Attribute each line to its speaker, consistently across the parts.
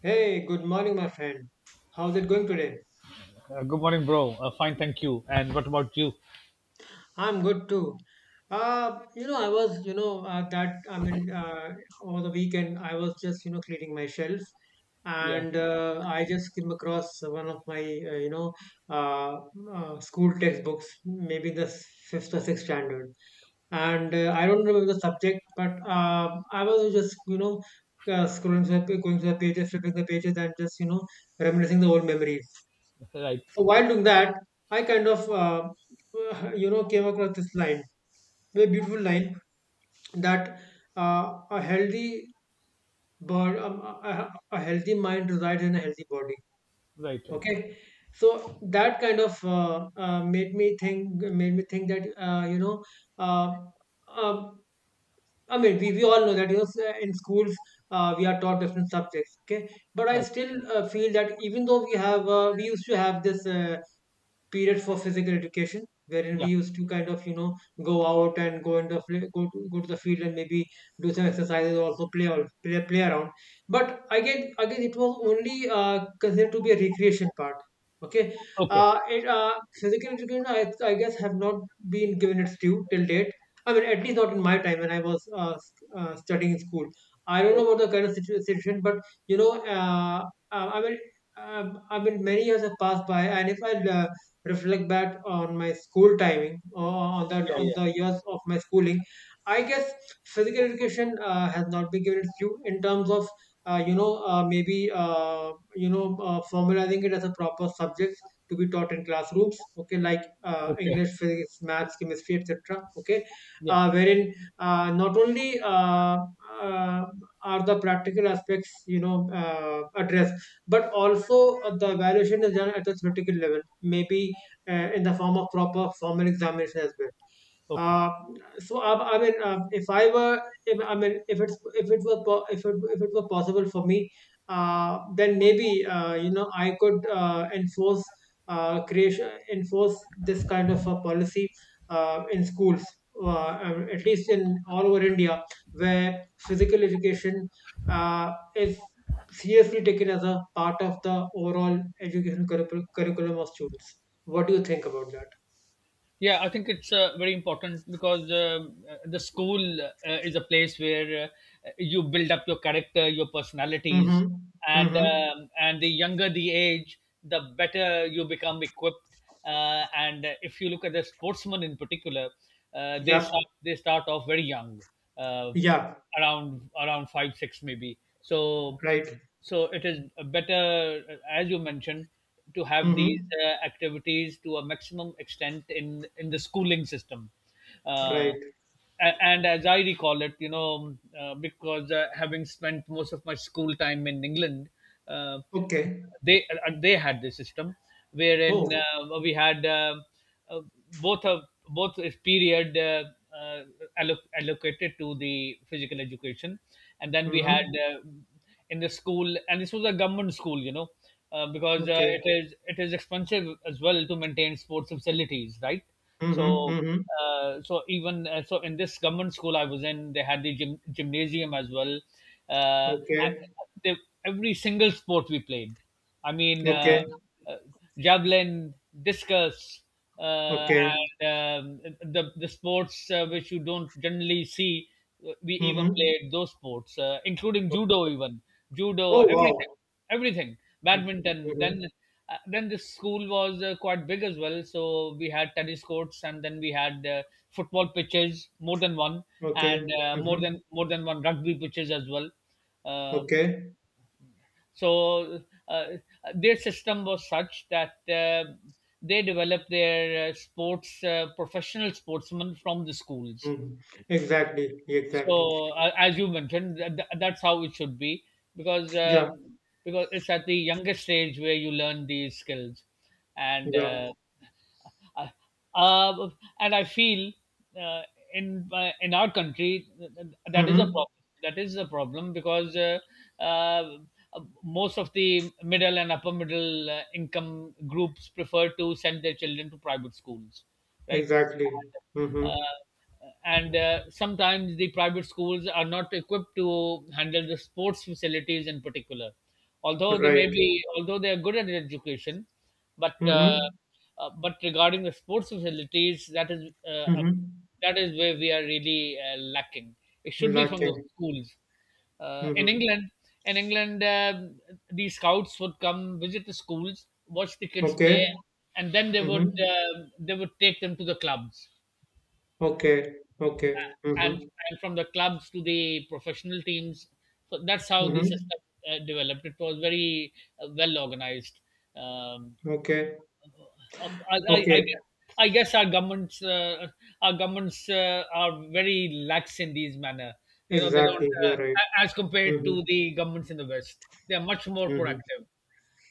Speaker 1: Hey, good morning, my friend. How's it going today?
Speaker 2: Good morning, bro. Fine, thank you. And what about you?
Speaker 1: I'm good too. You know, I was, you know, that I mean, Over the weekend, I was just, cleaning my shelf, and I just came across one of my, uh, you know, uh, school textbooks, maybe the fifth or sixth standard, and I don't remember the subject, but I was just, scrolling through, going through the pages, flipping the pages, and just, reminiscing the old memories.
Speaker 2: Right,
Speaker 1: So while doing that, I kind of came across this line, very beautiful line that a healthy bird, a healthy mind resides in a healthy body.
Speaker 2: right, right,
Speaker 1: Okay, so that kind of made me think that uh, uh, we all know that in schools we are taught different subjects. Okay, but I
Speaker 2: right.
Speaker 1: still feel that even though we have we used to have this. Period for physical education, wherein we
Speaker 2: Yeah.
Speaker 1: used to kind of go out and go in the fl- go to, go to the field and maybe do some exercises, also play around. But again it was only considered to be a recreation part, okay.
Speaker 2: Okay.
Speaker 1: uh, it, uh, Physical education, I guess, have not been given its due till date. I mean, at least not in my time when I was studying in school. I don't know about the current situation, but you know uh, uh, i mean I mean, many years have passed by, and if I reflect back on my school timing, or
Speaker 2: Yeah,
Speaker 1: on
Speaker 2: yeah.
Speaker 1: the years of my schooling, I guess physical education has not been given its due in terms of you know maybe you know formalizing it as a proper subject to be taught in classrooms, okay, like
Speaker 2: Okay.
Speaker 1: English, physics, maths, chemistry, etc. Okay,
Speaker 2: Yeah.
Speaker 1: wherein not only uh, are the practical aspects, addressed, but also the evaluation is done at the theoretical level, maybe in the form of proper formal examination as well.
Speaker 2: Okay.
Speaker 1: Uh, so I, if I were, if, I mean, if it's if it were po- if it were possible for me, then maybe I could enforce this kind of a policy in schools, at least in all over India, where physical education is seriously taken as a part of the overall education curriculum of students. What do you think about that?
Speaker 2: Yeah, I think it's very important because the school is a place where you build up your character, your personalities,
Speaker 1: Mm-hmm.
Speaker 2: and
Speaker 1: Mm-hmm.
Speaker 2: um, and the younger the age, the better you become equipped. And If you look at the sportsmen in particular, they
Speaker 1: Yep.
Speaker 2: start they start off very young, uh,
Speaker 1: Yeah,
Speaker 2: around five six maybe. So.
Speaker 1: right.
Speaker 2: So it is better, as you mentioned, to have these
Speaker 1: Mm-hmm.
Speaker 2: activities to a maximum extent in the schooling system. Uh,
Speaker 1: Right.
Speaker 2: and as I recall it, you know, because having spent most of my school time in England, uh,
Speaker 1: Okay.
Speaker 2: they they had this system wherein
Speaker 1: Oh.
Speaker 2: we had uh, both of both is period uh, allocated to the physical education, and then we had
Speaker 1: Mm-hmm.
Speaker 2: in the school. And this was a government school, you know, because
Speaker 1: Okay.
Speaker 2: it is expensive as well to maintain sports facilities, right?
Speaker 1: Mm-hmm.
Speaker 2: so,
Speaker 1: Mm-hmm.
Speaker 2: uh, so even uh, so, in this government school I was in, they had the gym, gymnasium as well. Uh, and
Speaker 1: Okay.
Speaker 2: they, every single sport we played. I mean,
Speaker 1: Okay.
Speaker 2: uh, javelin, discus, uh,
Speaker 1: Okay.
Speaker 2: and the sports which you don't generally see. We even
Speaker 1: Mm-hmm.
Speaker 2: played those sports, including judo, even judo,
Speaker 1: Oh
Speaker 2: everything
Speaker 1: wow.
Speaker 2: everything badminton,
Speaker 1: Mm-hmm.
Speaker 2: then this school was quite big as well, so we had tennis courts, and then we had football pitches, more than one,
Speaker 1: Okay.
Speaker 2: and more
Speaker 1: Mm-hmm.
Speaker 2: than more than one rugby pitches as well. uh,
Speaker 1: Okay.
Speaker 2: so uh, their system was such that they developed their sports professional sportsmen from the schools,
Speaker 1: Mm-hmm. Exactly. Exactly.
Speaker 2: so as you mentioned, that's how it should be, because
Speaker 1: Yeah.
Speaker 2: um, because it's at the youngest stage where you learn these skills. and
Speaker 1: Yeah.
Speaker 2: uh, uh, uh, and I feel uh, in our country, that is a
Speaker 1: Mm-hmm.
Speaker 2: problem that is a problem because uh, most of the middle and upper middle income groups prefer to send their children to private schools, right?
Speaker 1: Exactly.
Speaker 2: uh,
Speaker 1: Mm-hmm.
Speaker 2: and uh, sometimes the private schools are not equipped to handle the sports facilities in particular, although they may
Speaker 1: Right.
Speaker 2: be although they are good at education, but uh,
Speaker 1: Mm-hmm.
Speaker 2: but regarding the sports facilities, uh, a-
Speaker 1: Mm-hmm.
Speaker 2: that is where we are really lacking. It should be from the
Speaker 1: Lacking.
Speaker 2: schools. uh, in
Speaker 1: Mm-hmm.
Speaker 2: England, in England, the scouts would come visit the schools, watch the kids play,
Speaker 1: Okay.
Speaker 2: and then they would
Speaker 1: Mm-hmm.
Speaker 2: um they would take them to the clubs,
Speaker 1: Okay. Okay.
Speaker 2: and
Speaker 1: Mm-hmm.
Speaker 2: and from the clubs to the professional teams. So that's how this
Speaker 1: Mm-hmm.
Speaker 2: system developed. It was very well organized. Um,
Speaker 1: Okay.
Speaker 2: I, I,
Speaker 1: Okay,
Speaker 2: I guess our governments are very lax in these manner. You know, they don't,
Speaker 1: exactly.
Speaker 2: uh,
Speaker 1: You're right.
Speaker 2: as compared to
Speaker 1: Mm-hmm.
Speaker 2: the governments in the West, they are much more
Speaker 1: Mm-hmm.
Speaker 2: proactive.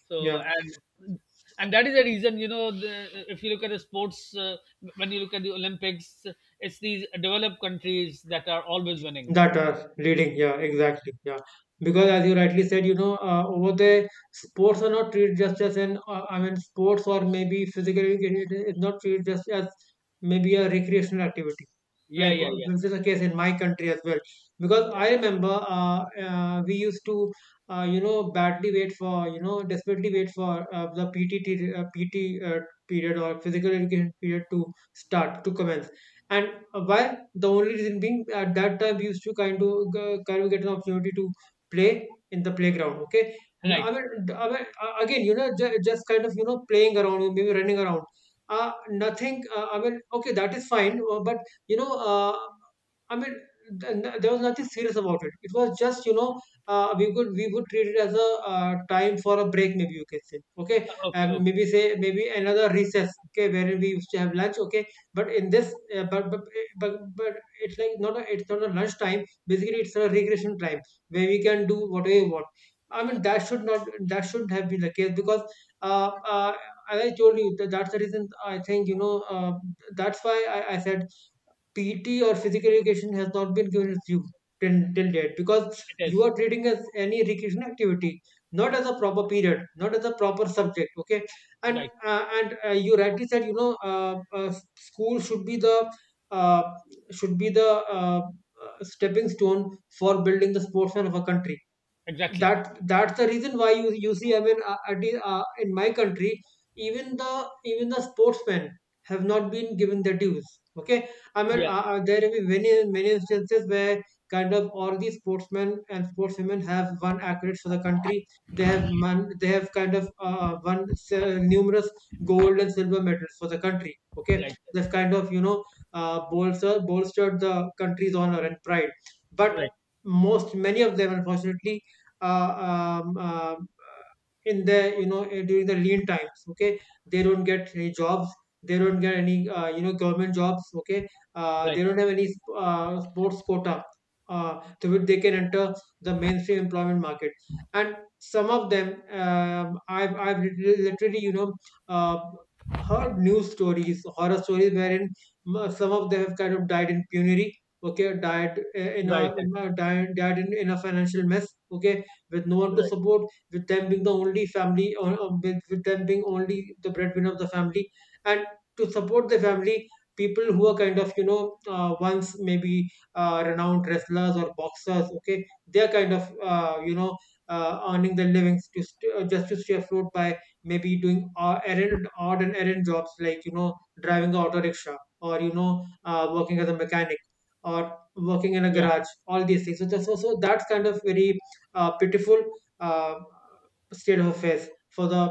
Speaker 2: So
Speaker 1: Yeah.
Speaker 2: and that is the reason. You know, if you look at the sports, when you look at the Olympics, it's these developed countries that are always winning.
Speaker 1: That are leading, yeah, exactly, yeah. Because
Speaker 2: Yeah,
Speaker 1: as you rightly said, over there, sports are not treated just as I mean, sports, or maybe physical education, is not treated just as maybe a recreational activity.
Speaker 2: yeah,
Speaker 1: Like
Speaker 2: yeah, yeah,
Speaker 1: this is the case in my country as well. Because
Speaker 2: yeah.
Speaker 1: I remember, we used to, badly wait for, desperately wait for the PT period, or physical education period, to start to commence. And why? The only reason being, at that time we used to kind of get an opportunity to play in the playground. Okay, N-
Speaker 2: Right.
Speaker 1: I mean, d- I mean again, just kind of playing around, or maybe running around. Nothing. I mean, okay, that is fine. But you know, uh, I mean, there was nothing serious about it. It was just, we would treat it as a time for a break, maybe you can say. Okay,
Speaker 2: Okay, okay.
Speaker 1: maybe another recess. Okay, wherein we used to have lunch. Okay, but in this, but it's like not a it's not a lunch time. Basically, it's a recreation time where we can do whatever we want. I mean, that should not that should have been the case, because uh, uh, as I told you, that that's the reason. I think that's why I said PT, or physical education, has not been given its due till, till date, because
Speaker 2: It
Speaker 1: you
Speaker 2: is
Speaker 1: are treating as any recreation activity, not as a proper period, not as a proper subject. Okay, and
Speaker 2: right.
Speaker 1: you rightly said, school should be the uh, should be the uh, uh, stepping stone for building the sportsman of a country.
Speaker 2: Exactly.
Speaker 1: That that's the reason why you see, I mean, in my country, even the sportsmen have not been given their dues, okay. I mean,
Speaker 2: Yeah.
Speaker 1: there will be many many instances where kind of all these sportsmen and sportswomen have won accolades for the country. They have won they have kind of numerous gold and silver medals for the country, okay.
Speaker 2: Right.
Speaker 1: They've kind of bolstered the country's honor and pride, but
Speaker 2: Right.
Speaker 1: most, many of them, unfortunately, uh, um, uh, in the during the lean times, okay, they don't get any jobs, they don't get any government jobs, okay.
Speaker 2: Right.
Speaker 1: They don't have any sports quota through which they can enter the mainstream employment market. And some of them, I've literally, uh, heard news stories, horror stories, wherein some of them have kind of died in penury, okay. Died eh,
Speaker 2: Right, right,
Speaker 1: in a died, died in a financial mess, okay, with no one to
Speaker 2: right.
Speaker 1: support, with them being the only family, or with them being only the breadwinner of the family, and to support the family, people who are kind of once maybe renowned wrestlers or boxers, okay, they're kind of earning their livings to just to stay afloat by maybe doing errand odd and errand jobs, like driving an auto rickshaw, or working as a mechanic, or working in a
Speaker 2: Yeah,
Speaker 1: garage, all these things. So, so that's kind of very pitiful uh, state of affairs for the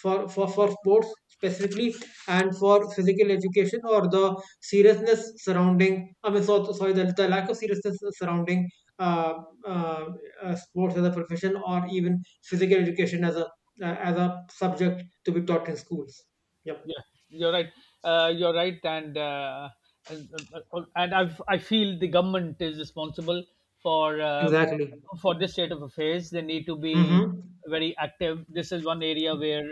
Speaker 1: for sports specifically, and for physical education, or the seriousness surrounding, I mean, sorry, the lack of seriousness surrounding uh, uh, sports as a profession, or even physical education as a subject to be taught in schools. Yep.
Speaker 2: yeah. You're right. You're right, and uh, and I feel the government is responsible for uh,
Speaker 1: Exactly.
Speaker 2: for this state of affairs. They need to be
Speaker 1: Mm-hmm.
Speaker 2: very active. This is one area where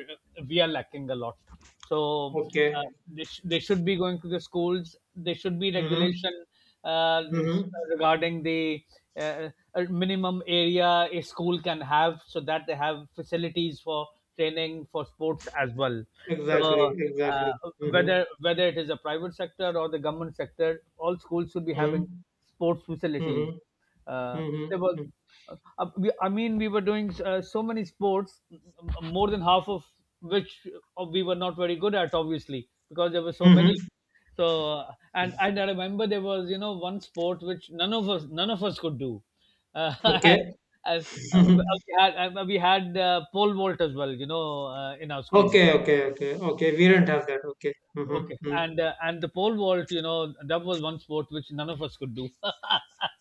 Speaker 2: we are lacking a lot. So
Speaker 1: Okay.
Speaker 2: they should be going to the schools. There should be
Speaker 1: Mm-hmm.
Speaker 2: regulation uh, res-
Speaker 1: Mm-hmm.
Speaker 2: regarding the uh, minimum area a school can have, so that they have facilities for training, for sports as well. So
Speaker 1: Exactly. Exactly. Mm-hmm.
Speaker 2: whether it is a private sector or the government sector, all schools should be having
Speaker 1: Mm-hmm.
Speaker 2: sports facilities.
Speaker 1: Mm-hmm.
Speaker 2: Uh, there was
Speaker 1: Mm-hmm.
Speaker 2: I mean we were doing so many sports, more than half of which we were not very good at, obviously, because there were so many.
Speaker 1: Mhm.
Speaker 2: So and I remember there was, you know, one sport which none of us could do. Uh,
Speaker 1: Okay.
Speaker 2: and, and, uh,
Speaker 1: Mhm.
Speaker 2: we had pole vault as well, you know, in our school.
Speaker 1: Okay, okay, okay, okay. We do not have that. Okay. Mm-hmm.
Speaker 2: Okay,
Speaker 1: Mm.
Speaker 2: and the pole vault, you know, that was one sport which none of us could do.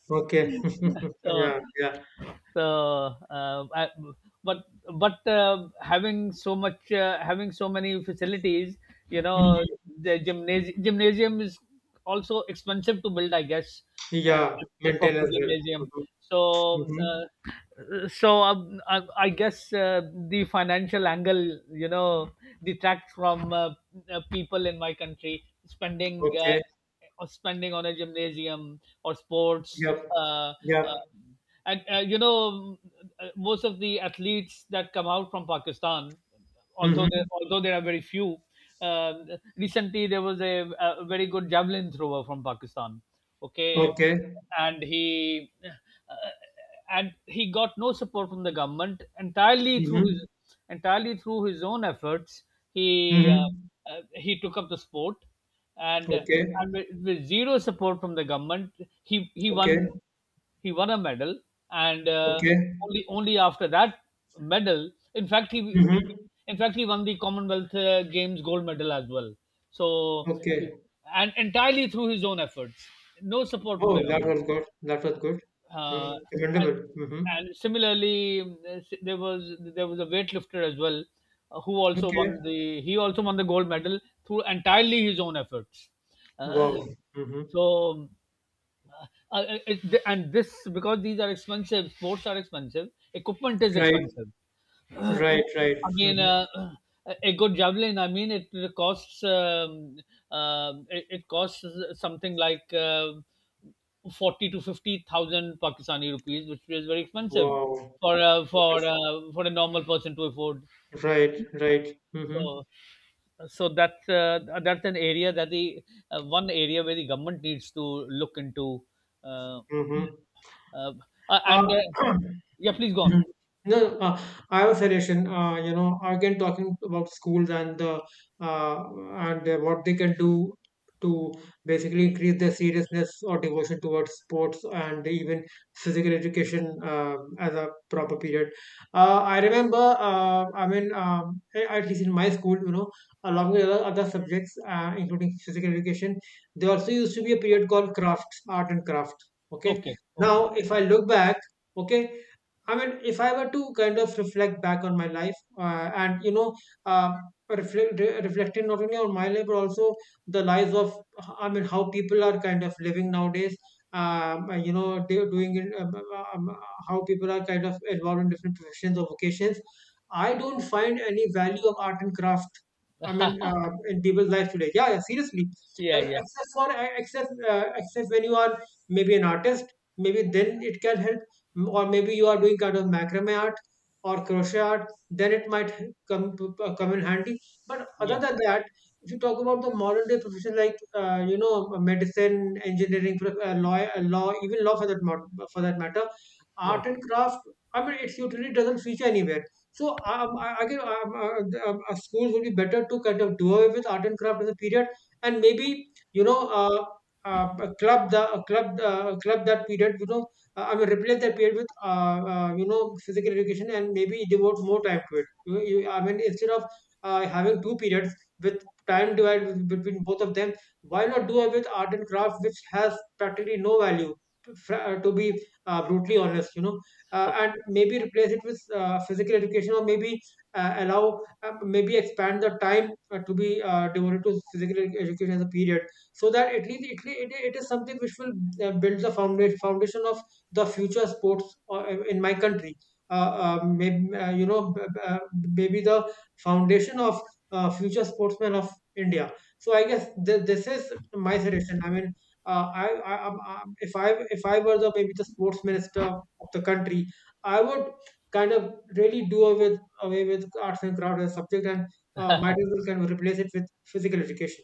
Speaker 1: Okay.
Speaker 2: so
Speaker 1: Yeah, yeah.
Speaker 2: so I, but but having so many facilities, you know,
Speaker 1: Mhm.
Speaker 2: the gymnasium is also expensive to build, I guess. uh,
Speaker 1: Yeah.
Speaker 2: a
Speaker 1: Maintain
Speaker 2: proper
Speaker 1: as well.
Speaker 2: gymnasium.
Speaker 1: Mm-hmm.
Speaker 2: so
Speaker 1: Mm-hmm.
Speaker 2: uh, so um, I, I guess the financial angle, you know, detracts from people in my country spending
Speaker 1: Okay.
Speaker 2: or spending on a gymnasium or sports.
Speaker 1: Yep.
Speaker 2: uh, uh,
Speaker 1: Yep.
Speaker 2: and you know, most of the athletes that come out from Pakistan,
Speaker 1: Mm-hmm.
Speaker 2: although there are very few. Recently there was a very good javelin thrower from Pakistan, okay,
Speaker 1: Okay.
Speaker 2: and he uh, and he got no support from the government,
Speaker 1: Mm-hmm.
Speaker 2: entirely through his own efforts. He
Speaker 1: Mm-hmm.
Speaker 2: uh, he took up the sport, and
Speaker 1: Okay.
Speaker 2: and with zero support from the government, he he
Speaker 1: Okay.
Speaker 2: won he won a medal, and
Speaker 1: Okay.
Speaker 2: only after that medal, in fact he in,
Speaker 1: Mm-hmm.
Speaker 2: in fact he won the Commonwealth Games gold medal as well. So he-
Speaker 1: Okay.
Speaker 2: and entirely through his own efforts, no support from the
Speaker 1: Oh, that
Speaker 2: government.
Speaker 1: was good. That was good. Mm.
Speaker 2: uh, and,
Speaker 1: Commendable. Mm-hmm.
Speaker 2: and similarly, there was a weightlifter as well, who also
Speaker 1: Okay.
Speaker 2: won the he also won the gold medal through entirely his own efforts.
Speaker 1: Wow.
Speaker 2: uh,
Speaker 1: Mm-hmm.
Speaker 2: so it, and this, because these are expensive, sports are expensive, equipment is
Speaker 1: Right.
Speaker 2: expensive.
Speaker 1: Right. Right.
Speaker 2: I mean,
Speaker 1: Mm-hmm.
Speaker 2: a good javelin, I mean, it costs. It costs something like forty to fifty thousand Pakistani rupees, which is very expensive
Speaker 1: Wow.
Speaker 2: for a normal person to afford.
Speaker 1: Right, right. Mm-hmm.
Speaker 2: So, so that's an area that the one area where the government needs to look into. Uh,
Speaker 1: Mm-hmm.
Speaker 2: uh,
Speaker 1: Uh,
Speaker 2: and Yeah, please go on.
Speaker 1: Mhm. No, no, I have a suggestion. Again, talking about schools and the uh, and what they can do to basically increase their seriousness or devotion towards sports, and even physical education as a proper period. I remember, at least in my school, along with other subjects, including physical education, there also used to be a period called crafts, art and craft. Okay.
Speaker 2: Okay, okay.
Speaker 1: Now, if I look back, okay, I mean, if I were to kind of reflect back on my life, and uh, reflecting not only on my life, but also the lives of, I mean, how people are kind of living nowadays. You know, do- doing in, How people are kind of involved in different professions or vocations. I don't find any value of art and craft. I mean, in people's lives today. Yeah, yeah, seriously.
Speaker 2: Yeah, yeah,
Speaker 1: Except for except Except when you are maybe an artist, maybe then it can help, or maybe you are doing kind of macrame art or crochet art, then it might come p- come in handy. But other
Speaker 2: yeah.
Speaker 1: than that, if you talk about the modern day profession, like medicine, engineering, law, even law for that for that matter, art
Speaker 2: Right.
Speaker 1: and craft, I mean, it usually doesn't feature anywhere. So I guess, schools would be better to kind of do away with art and craft as a period, and maybe you know uh, club the club club that period I will replace that period with physical education and maybe devote more time to it. I mean, instead of having two periods with time divided between both of them, why not do it with art and craft, which has practically no value? To be brutally honest,
Speaker 2: Oh,
Speaker 1: and maybe replace it with physical education, or maybe allow, maybe expand the time to be devoted to education as a period, so that at least it is something which will build the foundation of the future sports in my country. Uh, maybe, you know, b- b- Maybe the foundation of future sportsmen of India. So I guess this is my suggestion. I mean, if I were the maybe the sports minister of the country, I would kind of really do away with arts and craft as a subject and might as well kind of replace it with physical education.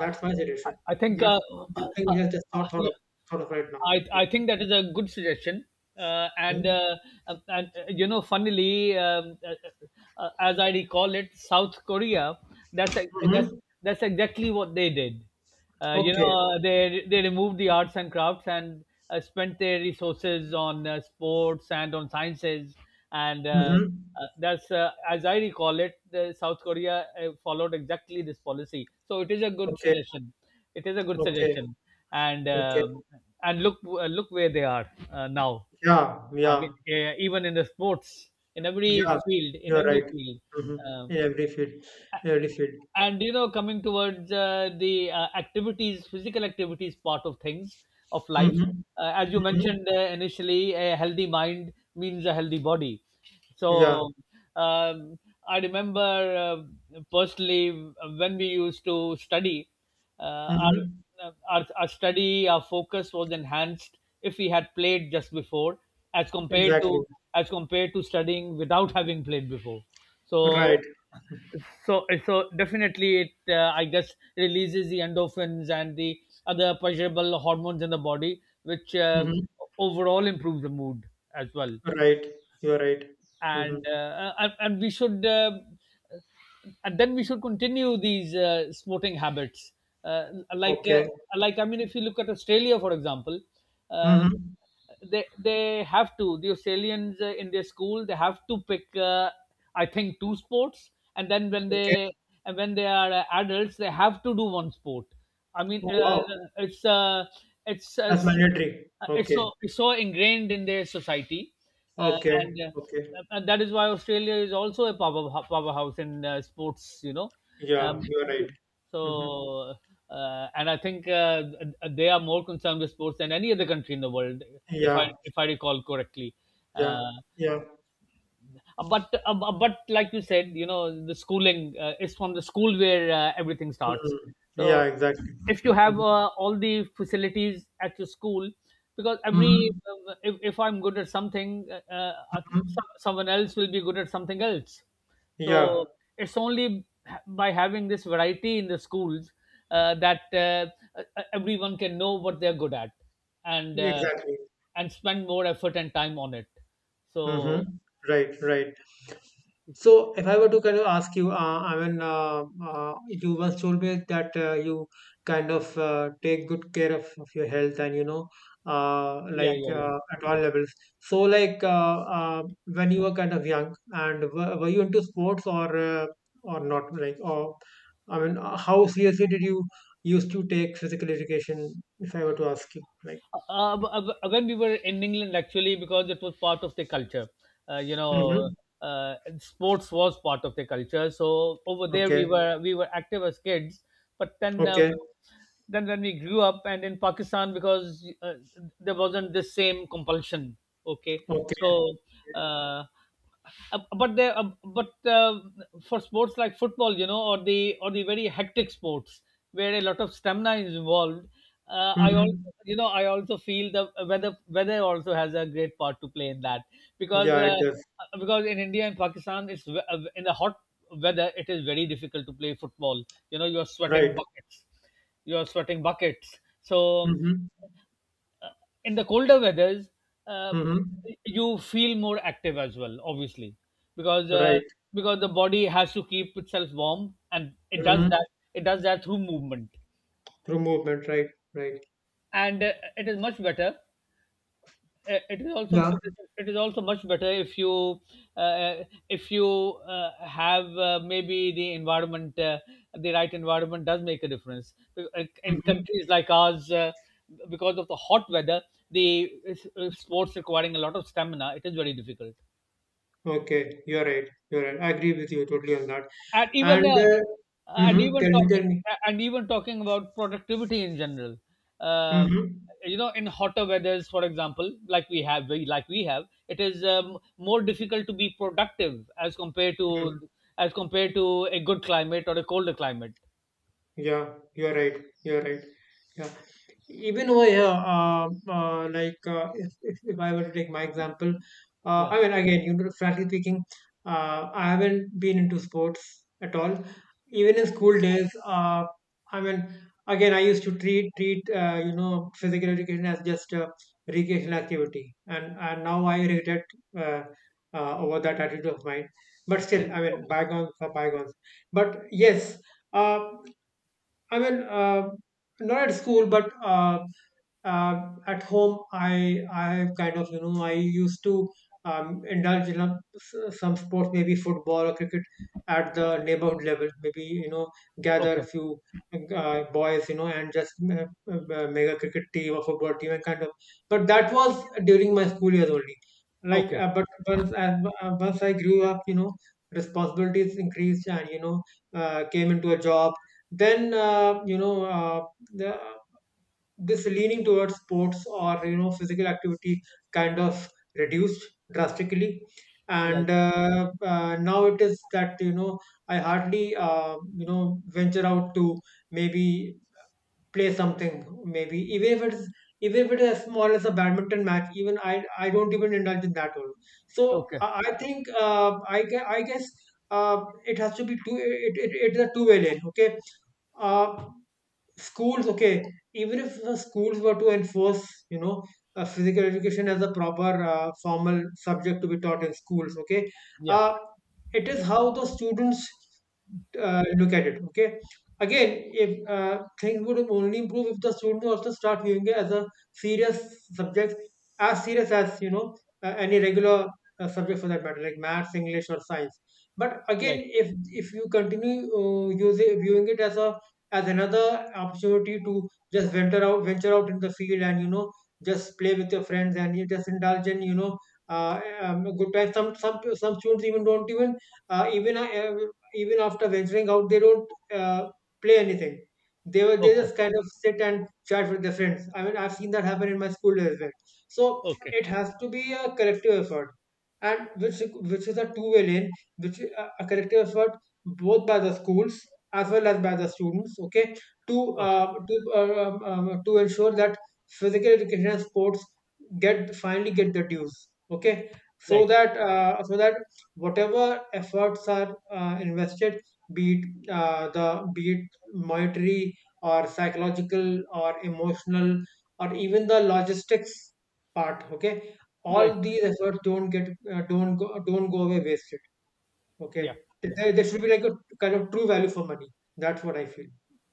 Speaker 1: That's my suggestion.
Speaker 2: I think
Speaker 1: That's
Speaker 2: uh,
Speaker 1: something
Speaker 2: uh,
Speaker 1: we have just not
Speaker 2: yeah,
Speaker 1: thought of right now.
Speaker 2: I think that is a good suggestion. Uh, and uh, and You know, funnily, as I recall it, South Korea. That's ex-
Speaker 1: Mhm.
Speaker 2: that's exactly what they did. You
Speaker 1: Okay.
Speaker 2: know, they removed the arts and crafts, and spent their resources on sports and on sciences. And uh,
Speaker 1: Mhm.
Speaker 2: uh, that's as I recall it, the South Korea followed exactly this policy. So it is a good
Speaker 1: Okay.
Speaker 2: suggestion. It is a good
Speaker 1: Okay.
Speaker 2: suggestion, and
Speaker 1: Okay.
Speaker 2: um, and look where they are now.
Speaker 1: Yeah.
Speaker 2: I mean,
Speaker 1: Yeah.
Speaker 2: even in the sports, in every
Speaker 1: Yeah.
Speaker 2: field, in
Speaker 1: You're
Speaker 2: every
Speaker 1: right.
Speaker 2: field.
Speaker 1: Mhm.
Speaker 2: uh,
Speaker 1: In every field. Every field.
Speaker 2: and you know, coming towards the activities physical activities, part of things of life,
Speaker 1: Mhm.
Speaker 2: as you
Speaker 1: Mhm.
Speaker 2: mentioned initially, a healthy mind means a healthy body. so
Speaker 1: Yeah.
Speaker 2: um, I remember personally, when we used to study,
Speaker 1: Mhm.
Speaker 2: our focus was enhanced if we had played just before, as compared to
Speaker 1: Exactly.
Speaker 2: as compared to studying without having played before. so
Speaker 1: Right.
Speaker 2: so so definitely, it I guess, releases the endorphins and the other pleasurable hormones in the body, which
Speaker 1: Mhm.
Speaker 2: overall improves the mood as well.
Speaker 1: Right. You're right. Mhm.
Speaker 2: And uh, and, and we should uh, and then we should continue these smoking habits, uh, like uh,
Speaker 1: Okay.
Speaker 2: like I mean, if you look at Australia, for example, uh,
Speaker 1: Mhm.
Speaker 2: they have to the Australians, in their school, they have to pick, I think, two sports, and then
Speaker 1: Okay.
Speaker 2: when they are adults, they have to do one sport. I mean,
Speaker 1: Oh, wow.
Speaker 2: it's uh, it's uh,
Speaker 1: That's mandatory. Okay.
Speaker 2: it's so ingrained in their society, uh,
Speaker 1: Okay.
Speaker 2: and uh,
Speaker 1: Okay.
Speaker 2: and that is why Australia is also a powerhouse in sports. You know, um,
Speaker 1: Yeah. You're right. Mhm.
Speaker 2: so and I think, they are more concerned with sports than any other country in the world,
Speaker 1: Yeah.
Speaker 2: if I recall correctly.
Speaker 1: Yeah.
Speaker 2: Uh,
Speaker 1: Yeah.
Speaker 2: but like you said, the schooling is from the school where everything starts.
Speaker 1: Mhm. Yeah.
Speaker 2: So
Speaker 1: Exactly.
Speaker 2: if you have
Speaker 1: Mhm.
Speaker 2: all the facilities at your school, because every
Speaker 1: Mhm.
Speaker 2: if I'm good at something,
Speaker 1: Mhm.
Speaker 2: someone else will be good at something else.
Speaker 1: Yeah,
Speaker 2: So it's only by having this variety in the schools, that everyone can know what they're good at, and
Speaker 1: exactly.
Speaker 2: spend more effort and time on it.
Speaker 1: Mm-hmm.
Speaker 2: So,
Speaker 1: Right, right. So if I were to kind of ask you, I mean, you once told me that you kind of take good care of your health and,
Speaker 2: yeah,
Speaker 1: like
Speaker 2: yeah, yeah.
Speaker 1: at all levels. So like when you were kind of young and were you into sports or not? Like, or I mean, how seriously did you used to take physical education, if I were to ask you? Like,
Speaker 2: When we were in England, actually, because it was part of the culture, uh, you know,
Speaker 1: mm-hmm.
Speaker 2: sports was part of the culture. So over there, we
Speaker 1: Okay,
Speaker 2: were we were active as kids, but then,
Speaker 1: okay.
Speaker 2: when we grew up and in Pakistan, because there wasn't the same compulsion. Okay,
Speaker 1: Okay.
Speaker 2: so, uh, but for sports like football, or the very hectic sports where a lot of stamina is involved, uh, I also
Speaker 1: Mhm.
Speaker 2: I also feel the weather also has a great part to play in that, because
Speaker 1: Yeah, it does.
Speaker 2: in India and Pakistan, in the hot weather it is very difficult to play football. You are sweating
Speaker 1: Right.
Speaker 2: buckets, you are sweating buckets. So,
Speaker 1: Mhm.
Speaker 2: uh, in the colder weathers, uh,
Speaker 1: Mhm.
Speaker 2: you feel more active as well, obviously, because
Speaker 1: Right.
Speaker 2: the body has to keep itself warm, and
Speaker 1: Mhm.
Speaker 2: it does that through movement.
Speaker 1: Through movement. Right. Right.
Speaker 2: And it is much better uh, it is also
Speaker 1: Yeah.
Speaker 2: it is also much better if you, uh, if you have maybe the environment the right environment does make a difference. In
Speaker 1: Mhm.
Speaker 2: countries like ours, because of the hot weather, the sports requiring a lot of stamina, it is very difficult.
Speaker 1: Okay. You're right. You're right. I agree with you totally on that.
Speaker 2: And even,
Speaker 1: And
Speaker 2: and
Speaker 1: Mhm.
Speaker 2: even
Speaker 1: Tell me.
Speaker 2: talking
Speaker 1: Tell me.
Speaker 2: talking about productivity in general. Um
Speaker 1: Mhm.
Speaker 2: in hotter weathers, for example, like we have we like we have it is more difficult to be productive as compared to,
Speaker 1: Mhm.
Speaker 2: as compared to a good climate or a colder climate.
Speaker 1: Yeah, you're right. You're right. Yeah. Even over here, like if I were to take my example,
Speaker 2: Yeah.
Speaker 1: I mean, again, you know, frankly speaking, I haven't been into sports at all. Even in school days, I mean, again, I used to treat physical education as just a recreational activity, and now I regret uh, over that attitude of mine. But still, I mean,
Speaker 2: Okay,
Speaker 1: bygones are bygones. But yes. uh, I mean, not at school, but uh, at home I kind of I used to indulge in some sports, maybe football or cricket at the neighborhood level, maybe gather
Speaker 2: okay,
Speaker 1: a few boys and just make a cricket team or football team and kind of. But that was during my school years only. Like
Speaker 2: okay.
Speaker 1: but once as once I grew up, responsibilities increased and came into a job. Then you know the this leaning towards sports or physical activity kind of reduced drastically.
Speaker 2: Right.
Speaker 1: And now it is that I hardly venture out to maybe play something, maybe even if it is as small as a badminton match. Even I don't even indulge in that one. So
Speaker 2: Okay.
Speaker 1: I think I gue- I guess it has to be two, it's a two-way lane. Okay, uh, schools. Okay, even if the schools were to enforce you know physical education as a proper formal subject to be taught in schools, okay,
Speaker 2: Yeah.
Speaker 1: uh, it is how the students look at it. Okay. Again, if things would only improve if the students also start viewing it as a serious subject, as serious as any regular subject for that matter, like maths, English, or science. But
Speaker 2: Right.
Speaker 1: again, if you continue using viewing it as a, as another opportunity to just venture out in the field and just play with your friends and you just indulge in good time. Some students even don't even uh, even uh, even after venturing out, they don't play anything. They were they
Speaker 2: Okay,
Speaker 1: just kind of sit and chat with their friends. I mean, I've seen that happen in my school days as well. So
Speaker 2: okay,
Speaker 1: it has to be a collective effort, and which is a two-way lane, which is a collective effort both by the schools as well as by the students. Okay, to
Speaker 2: okay.
Speaker 1: to ensure that physical education and sports get finally get the dues. Okay, so
Speaker 2: Right,
Speaker 1: that so that whatever efforts are invested, be it the be it monetary or psychological or emotional or even the logistics part. Okay, all
Speaker 2: right.
Speaker 1: these efforts don't get don't go away wasted. Okay,
Speaker 2: Yeah, yeah.
Speaker 1: there should be like a kind of true value for money. That's what I feel.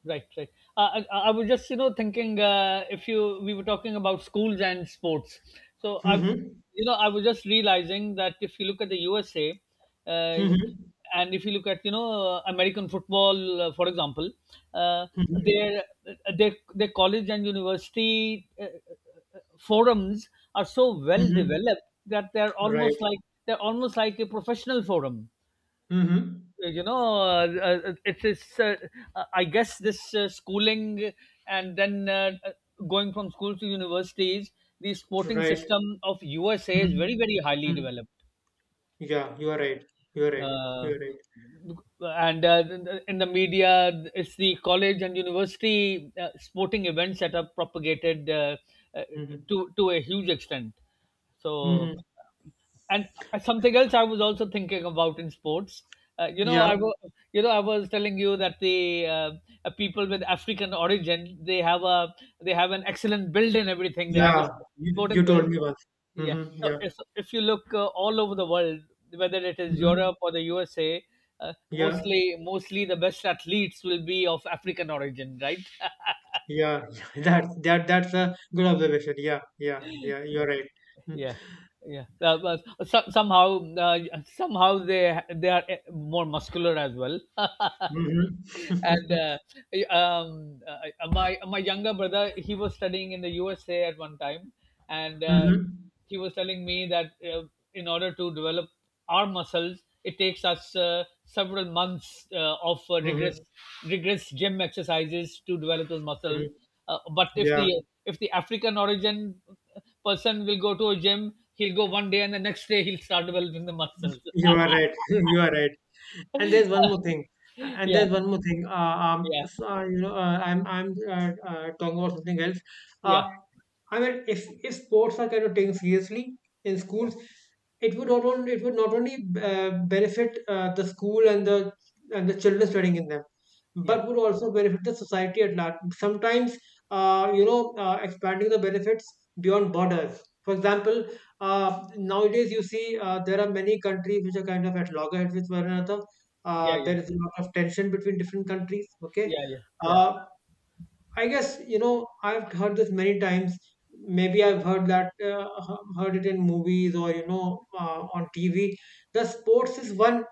Speaker 2: Right, right. I was just, thinking, if you we were talking about schools and sports. So I,
Speaker 1: Mm-hmm.
Speaker 2: you know, I was just realizing that if you look at the USA, uh,
Speaker 1: Mm-hmm.
Speaker 2: and if you look at, American football, for example, uh,
Speaker 1: Mm-hmm.
Speaker 2: their their college and university forums are so well
Speaker 1: Mm-hmm.
Speaker 2: developed that
Speaker 1: Right.
Speaker 2: they're almost like a professional forum.
Speaker 1: Mm-hmm.
Speaker 2: It's I guess this schooling, and then, going from school to universities, the sporting
Speaker 1: Right.
Speaker 2: system of USA is very, very highly
Speaker 1: Mm-hmm.
Speaker 2: developed.
Speaker 1: Yeah, you are right. You are right. You
Speaker 2: Uh,
Speaker 1: are right.
Speaker 2: and In the media, it's the college and university sporting events that are propagated, uh,
Speaker 1: Mm-hmm.
Speaker 2: to a huge extent. So,
Speaker 1: Mm-hmm.
Speaker 2: and something else I was also thinking about in sports.
Speaker 1: Yeah,
Speaker 2: I was, telling you that the people with African origin, they have an excellent build in everything. They have a
Speaker 1: yeah, you
Speaker 2: sporting build.
Speaker 1: told me once.
Speaker 2: Yeah.
Speaker 1: Mm-hmm,
Speaker 2: So,
Speaker 1: yeah,
Speaker 2: if you look all over the world, whether it is
Speaker 1: mm-hmm,
Speaker 2: Europe or the USA,
Speaker 1: yeah,
Speaker 2: mostly the best athletes will be of African origin, right?
Speaker 1: yeah, yeah. That's that that's a good observation. Yeah, yeah, yeah. You're right. Mm-hmm,
Speaker 2: Yeah, yeah. But, so, somehow, they are more muscular as well.
Speaker 1: mm-hmm,
Speaker 2: And my younger brother, he was studying in the USA at one time, and
Speaker 1: mm-hmm,
Speaker 2: he was telling me that in order to develop our muscles, it takes us several months of rigorous
Speaker 1: mm-hmm.
Speaker 2: rigorous gym exercises to develop those muscles. But if
Speaker 1: Yeah,
Speaker 2: the if the African origin person will go to a gym, he'll go one day and the next day he'll start developing the muscles.
Speaker 1: you are right. You are right. And there's one more thing.
Speaker 2: Yeah,
Speaker 1: And
Speaker 2: yeah,
Speaker 1: there's one more thing.
Speaker 2: yeah,
Speaker 1: So, you know, I'm talking about something else. Uh,
Speaker 2: yeah,
Speaker 1: I mean, if sports are kind of taken seriously in schools, it would not only benefit the school and the children studying in them,
Speaker 2: yeah,
Speaker 1: but would also benefit the society at large. Sometimes, you know, expanding the benefits beyond borders. For example, nowadays, you see, there are many countries which are kind of at loggerheads with one another.
Speaker 2: yeah, yeah.
Speaker 1: There is a lot of tension between different countries. Okay.
Speaker 2: Yeah, yeah, yeah.
Speaker 1: Uh, I guess, you know, I've heard this many times. Maybe I've heard heard it in movies or, you know, on TV. The sports is one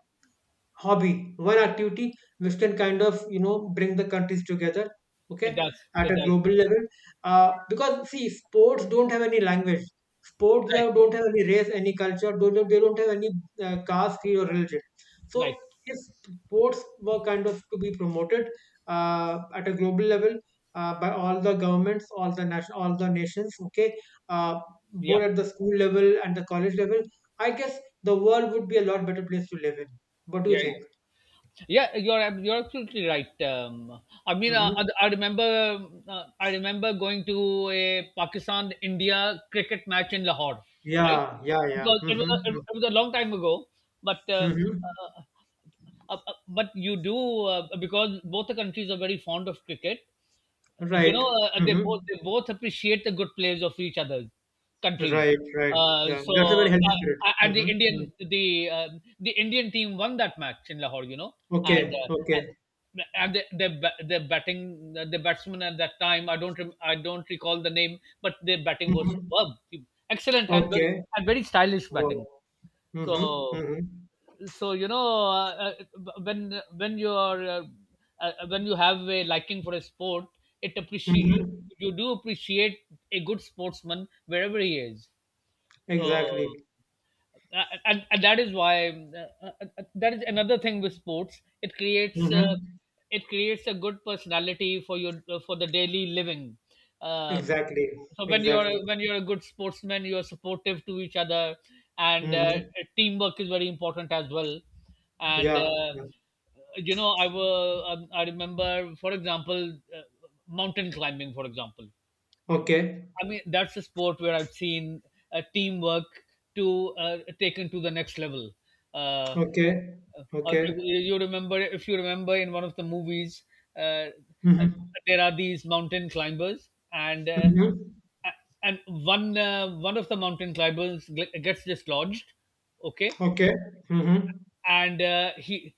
Speaker 1: hobby, one activity which can kind of bring the countries together, okay,
Speaker 2: It does,
Speaker 1: at
Speaker 2: it
Speaker 1: a
Speaker 2: does.
Speaker 1: global level. Because see, sports don't have any language. Sports
Speaker 2: Right,
Speaker 1: have, don't have any race, any culture. Don't have, they don't have any caste, creed, or religion. So
Speaker 2: right.
Speaker 1: if sports were kind of to be promoted at a global level by all the governments, all the nations, okay, uh,
Speaker 2: Yeah,
Speaker 1: both at the school level and the college level, I guess the world would be a lot better place to live in. What do
Speaker 2: yeah,
Speaker 1: you think?
Speaker 2: yeah, yeah, you're absolutely right. I mean,
Speaker 1: Hmm.
Speaker 2: I remember going to a Pakistan India cricket match in Lahore. Right.
Speaker 1: Yeah, yeah,
Speaker 2: it
Speaker 1: yeah.
Speaker 2: was it was,
Speaker 1: Mm-hmm.
Speaker 2: it was a long time ago, but,
Speaker 1: Mm-hmm.
Speaker 2: uh, uh, uh, but you do because both the countries are very fond of cricket, you know,
Speaker 1: Right.
Speaker 2: they both
Speaker 1: Mm-hmm.
Speaker 2: they both appreciate the good players of each other's countries.
Speaker 1: Right, right. Yeah,
Speaker 2: So
Speaker 1: that's a very healthy spirit.
Speaker 2: and The
Speaker 1: Mm-hmm. Mm-hmm.
Speaker 2: Indian, the Indian team won that match in Lahore, you know, and
Speaker 1: Okay, okay.
Speaker 2: the ba- the batting the batsman at that time, I don't recall the name, but their batting was
Speaker 1: Mm-hmm.
Speaker 2: superb, excellent, and
Speaker 1: Okay.
Speaker 2: very stylish
Speaker 1: Wow.
Speaker 2: batting.
Speaker 1: Mm-hmm.
Speaker 2: So,
Speaker 1: Mm-hmm.
Speaker 2: so you know, uh, uh, when when you are uh, when you have a liking for a sport, it appreciate you,
Speaker 1: Mm-hmm.
Speaker 2: you do appreciate a good sportsman wherever he is. So.
Speaker 1: Exactly.
Speaker 2: And that is why, that is another thing with sports: it creates,
Speaker 1: Mm-hmm.
Speaker 2: a good personality for your, for the daily living. um,
Speaker 1: Exactly.
Speaker 2: so when you're,
Speaker 1: Exactly.
Speaker 2: a good sportsman, you're supportive to each other, and
Speaker 1: Mm-hmm.
Speaker 2: teamwork is very important as well. And
Speaker 1: Yeah. Yeah.
Speaker 2: I remember, for example, mountain climbing, for example.
Speaker 1: Okay.
Speaker 2: I mean, that's a sport where I've seen teamwork to taken to the next level. Uh,
Speaker 1: Okay. Okay.
Speaker 2: if you remember, in one of the movies, uh, uh,
Speaker 1: Mm-hmm.
Speaker 2: there are these mountain climbers, and
Speaker 1: Mm-hmm.
Speaker 2: a- and one of the mountain climbers gets dislodged, okay,
Speaker 1: Okay. Mm-hmm.
Speaker 2: and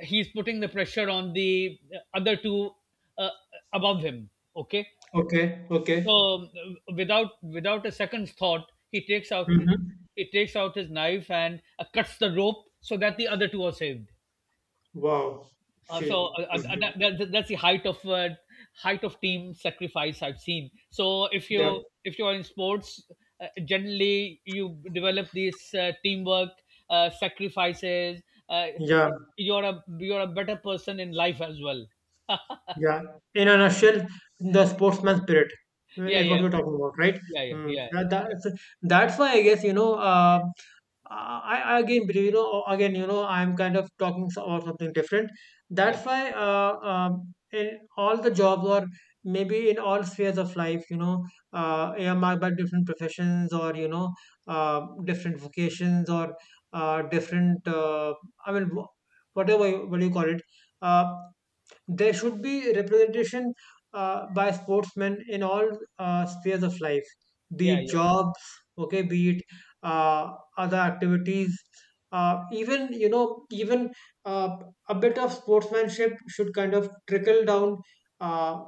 Speaker 2: he's putting the pressure on the other two, uh, above him, okay.
Speaker 1: Okay. Okay.
Speaker 2: So, without a second's thought,
Speaker 1: Mm-hmm.
Speaker 2: he takes out his knife and cuts the rope, so that the other two are saved.
Speaker 1: Wow.
Speaker 2: uh, so
Speaker 1: Okay.
Speaker 2: uh, uh, that,
Speaker 1: Mhm.
Speaker 2: that's the height of, height of team sacrifice I've seen. So,
Speaker 1: Yeah.
Speaker 2: if you are in sports, generally you develop this teamwork, sacrifices, uh,
Speaker 1: Yeah.
Speaker 2: you're a better person in life as well.
Speaker 1: Yeah, in a nutshell, the sportsman spirit
Speaker 2: Yeah,
Speaker 1: is
Speaker 2: yeah,
Speaker 1: what you're talking about, right?
Speaker 2: yeah, yeah, yeah,
Speaker 1: Mm.
Speaker 2: yeah,
Speaker 1: Yeah, that's why I guess you know. I again, but, you know, again, I'm kind of talking about something different.
Speaker 2: yeah,
Speaker 1: That's why, in all the jobs or maybe in all spheres of life, you know, earmarked by different professions or you know, different vocations or different. I mean, whatever what do you call it? Uh, there should be representation by sportsmen in all spheres of life, be
Speaker 2: yeah,
Speaker 1: it
Speaker 2: yeah,
Speaker 1: jobs, okay, be it uh, other activities. Even you know, even uh, a bit of sportsmanship should kind of trickle down. Uh,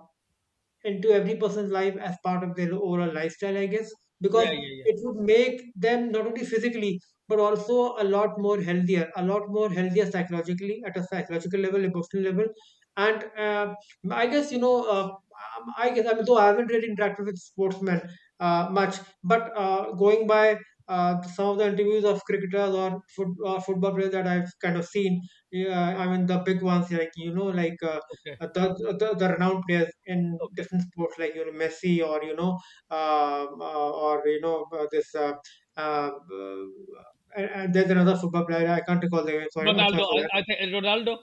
Speaker 1: into every person's life as part of their overall lifestyle, I guess, because
Speaker 2: yeah, yeah,
Speaker 1: it
Speaker 2: yeah.
Speaker 1: would make them not only physically but also a lot more healthier, a lot more healthier psychologically at a psychological level, emotional level, and I guess you know. I guess I mean, though I haven't really interacted with sportsmen much, but going by some of the interviews of cricketers or foot, or football players that I've kind of seen, yeah, I mean the big ones, like you know, like
Speaker 2: Okay,
Speaker 1: uh, the, the renowned players in
Speaker 2: okay.
Speaker 1: different sports, like you know Messi, or you know this uh, uh, and there's another football player, I can't recall the name, sorry, I'm sorry
Speaker 2: Ronaldo.
Speaker 1: for.
Speaker 2: I think Ronaldo.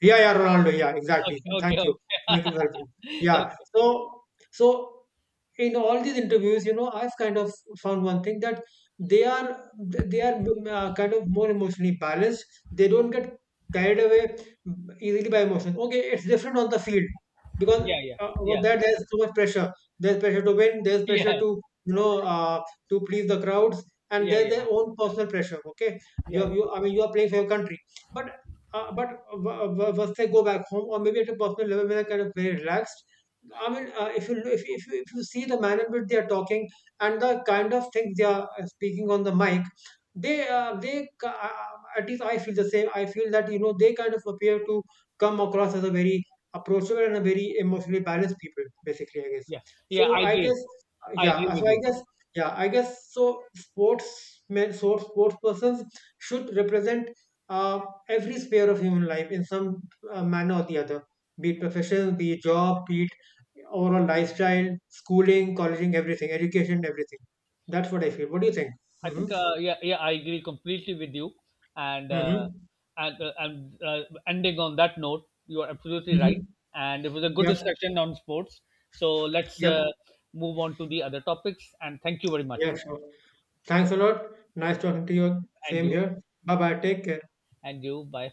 Speaker 1: Yeah, yeah, Ronaldo. Yeah, exactly. Thank
Speaker 2: Okay, okay,
Speaker 1: you.
Speaker 2: okay.
Speaker 1: Thank you very much. Yeah.
Speaker 2: Okay.
Speaker 1: So, so in all these interviews, you know, I've kind of found one thing, that they are kind of more emotionally balanced. They don't get carried away easily by emotions. Okay, it's different on the field because
Speaker 2: Yeah, yeah,
Speaker 1: over
Speaker 2: yeah,
Speaker 1: there there's so much pressure. There's pressure to win. There's
Speaker 2: yeah,
Speaker 1: pressure to to please the crowds, and
Speaker 2: yeah,
Speaker 1: there's
Speaker 2: yeah,
Speaker 1: their own personal pressure. Okay,
Speaker 2: yeah,
Speaker 1: you are,
Speaker 2: yeah,
Speaker 1: you I mean you are playing for your country, but but once I go back home, or maybe at a personal level where I kind of very relaxed, I mean, if you see the manner in which they are talking and the kind of things they are speaking on the mic, at least I feel the same. I feel that they kind of appear to come across as a very approachable and a very emotionally balanced people, basically. I guess.
Speaker 2: yeah. Yeah,
Speaker 1: So
Speaker 2: I
Speaker 1: I
Speaker 2: agree.
Speaker 1: guess
Speaker 2: I
Speaker 1: yeah.
Speaker 2: agree
Speaker 1: So
Speaker 2: with
Speaker 1: I
Speaker 2: you.
Speaker 1: guess, yeah. I guess so. Sports persons should represent. uh, every sphere of human life in some manner or the other, be it profession, be it job, be it overall lifestyle, schooling, colleging, everything, education, everything. That's what I feel. What do you think?
Speaker 2: I
Speaker 1: Mm-hmm.
Speaker 2: think, yeah, yeah, I agree completely with you. And,
Speaker 1: Mm-hmm.
Speaker 2: and uh, and uh, ending on that note, you are absolutely
Speaker 1: Mm-hmm.
Speaker 2: right. And it was a good
Speaker 1: Yep.
Speaker 2: discussion on sports. So let's
Speaker 1: Yep.
Speaker 2: move on to the other topics. And thank you very
Speaker 1: Yeah,
Speaker 2: much.
Speaker 1: sure. Thanks a lot. Nice talking to you.
Speaker 2: And
Speaker 1: Same
Speaker 2: you,
Speaker 1: here. Bye bye. Take care.
Speaker 2: and you. Bye.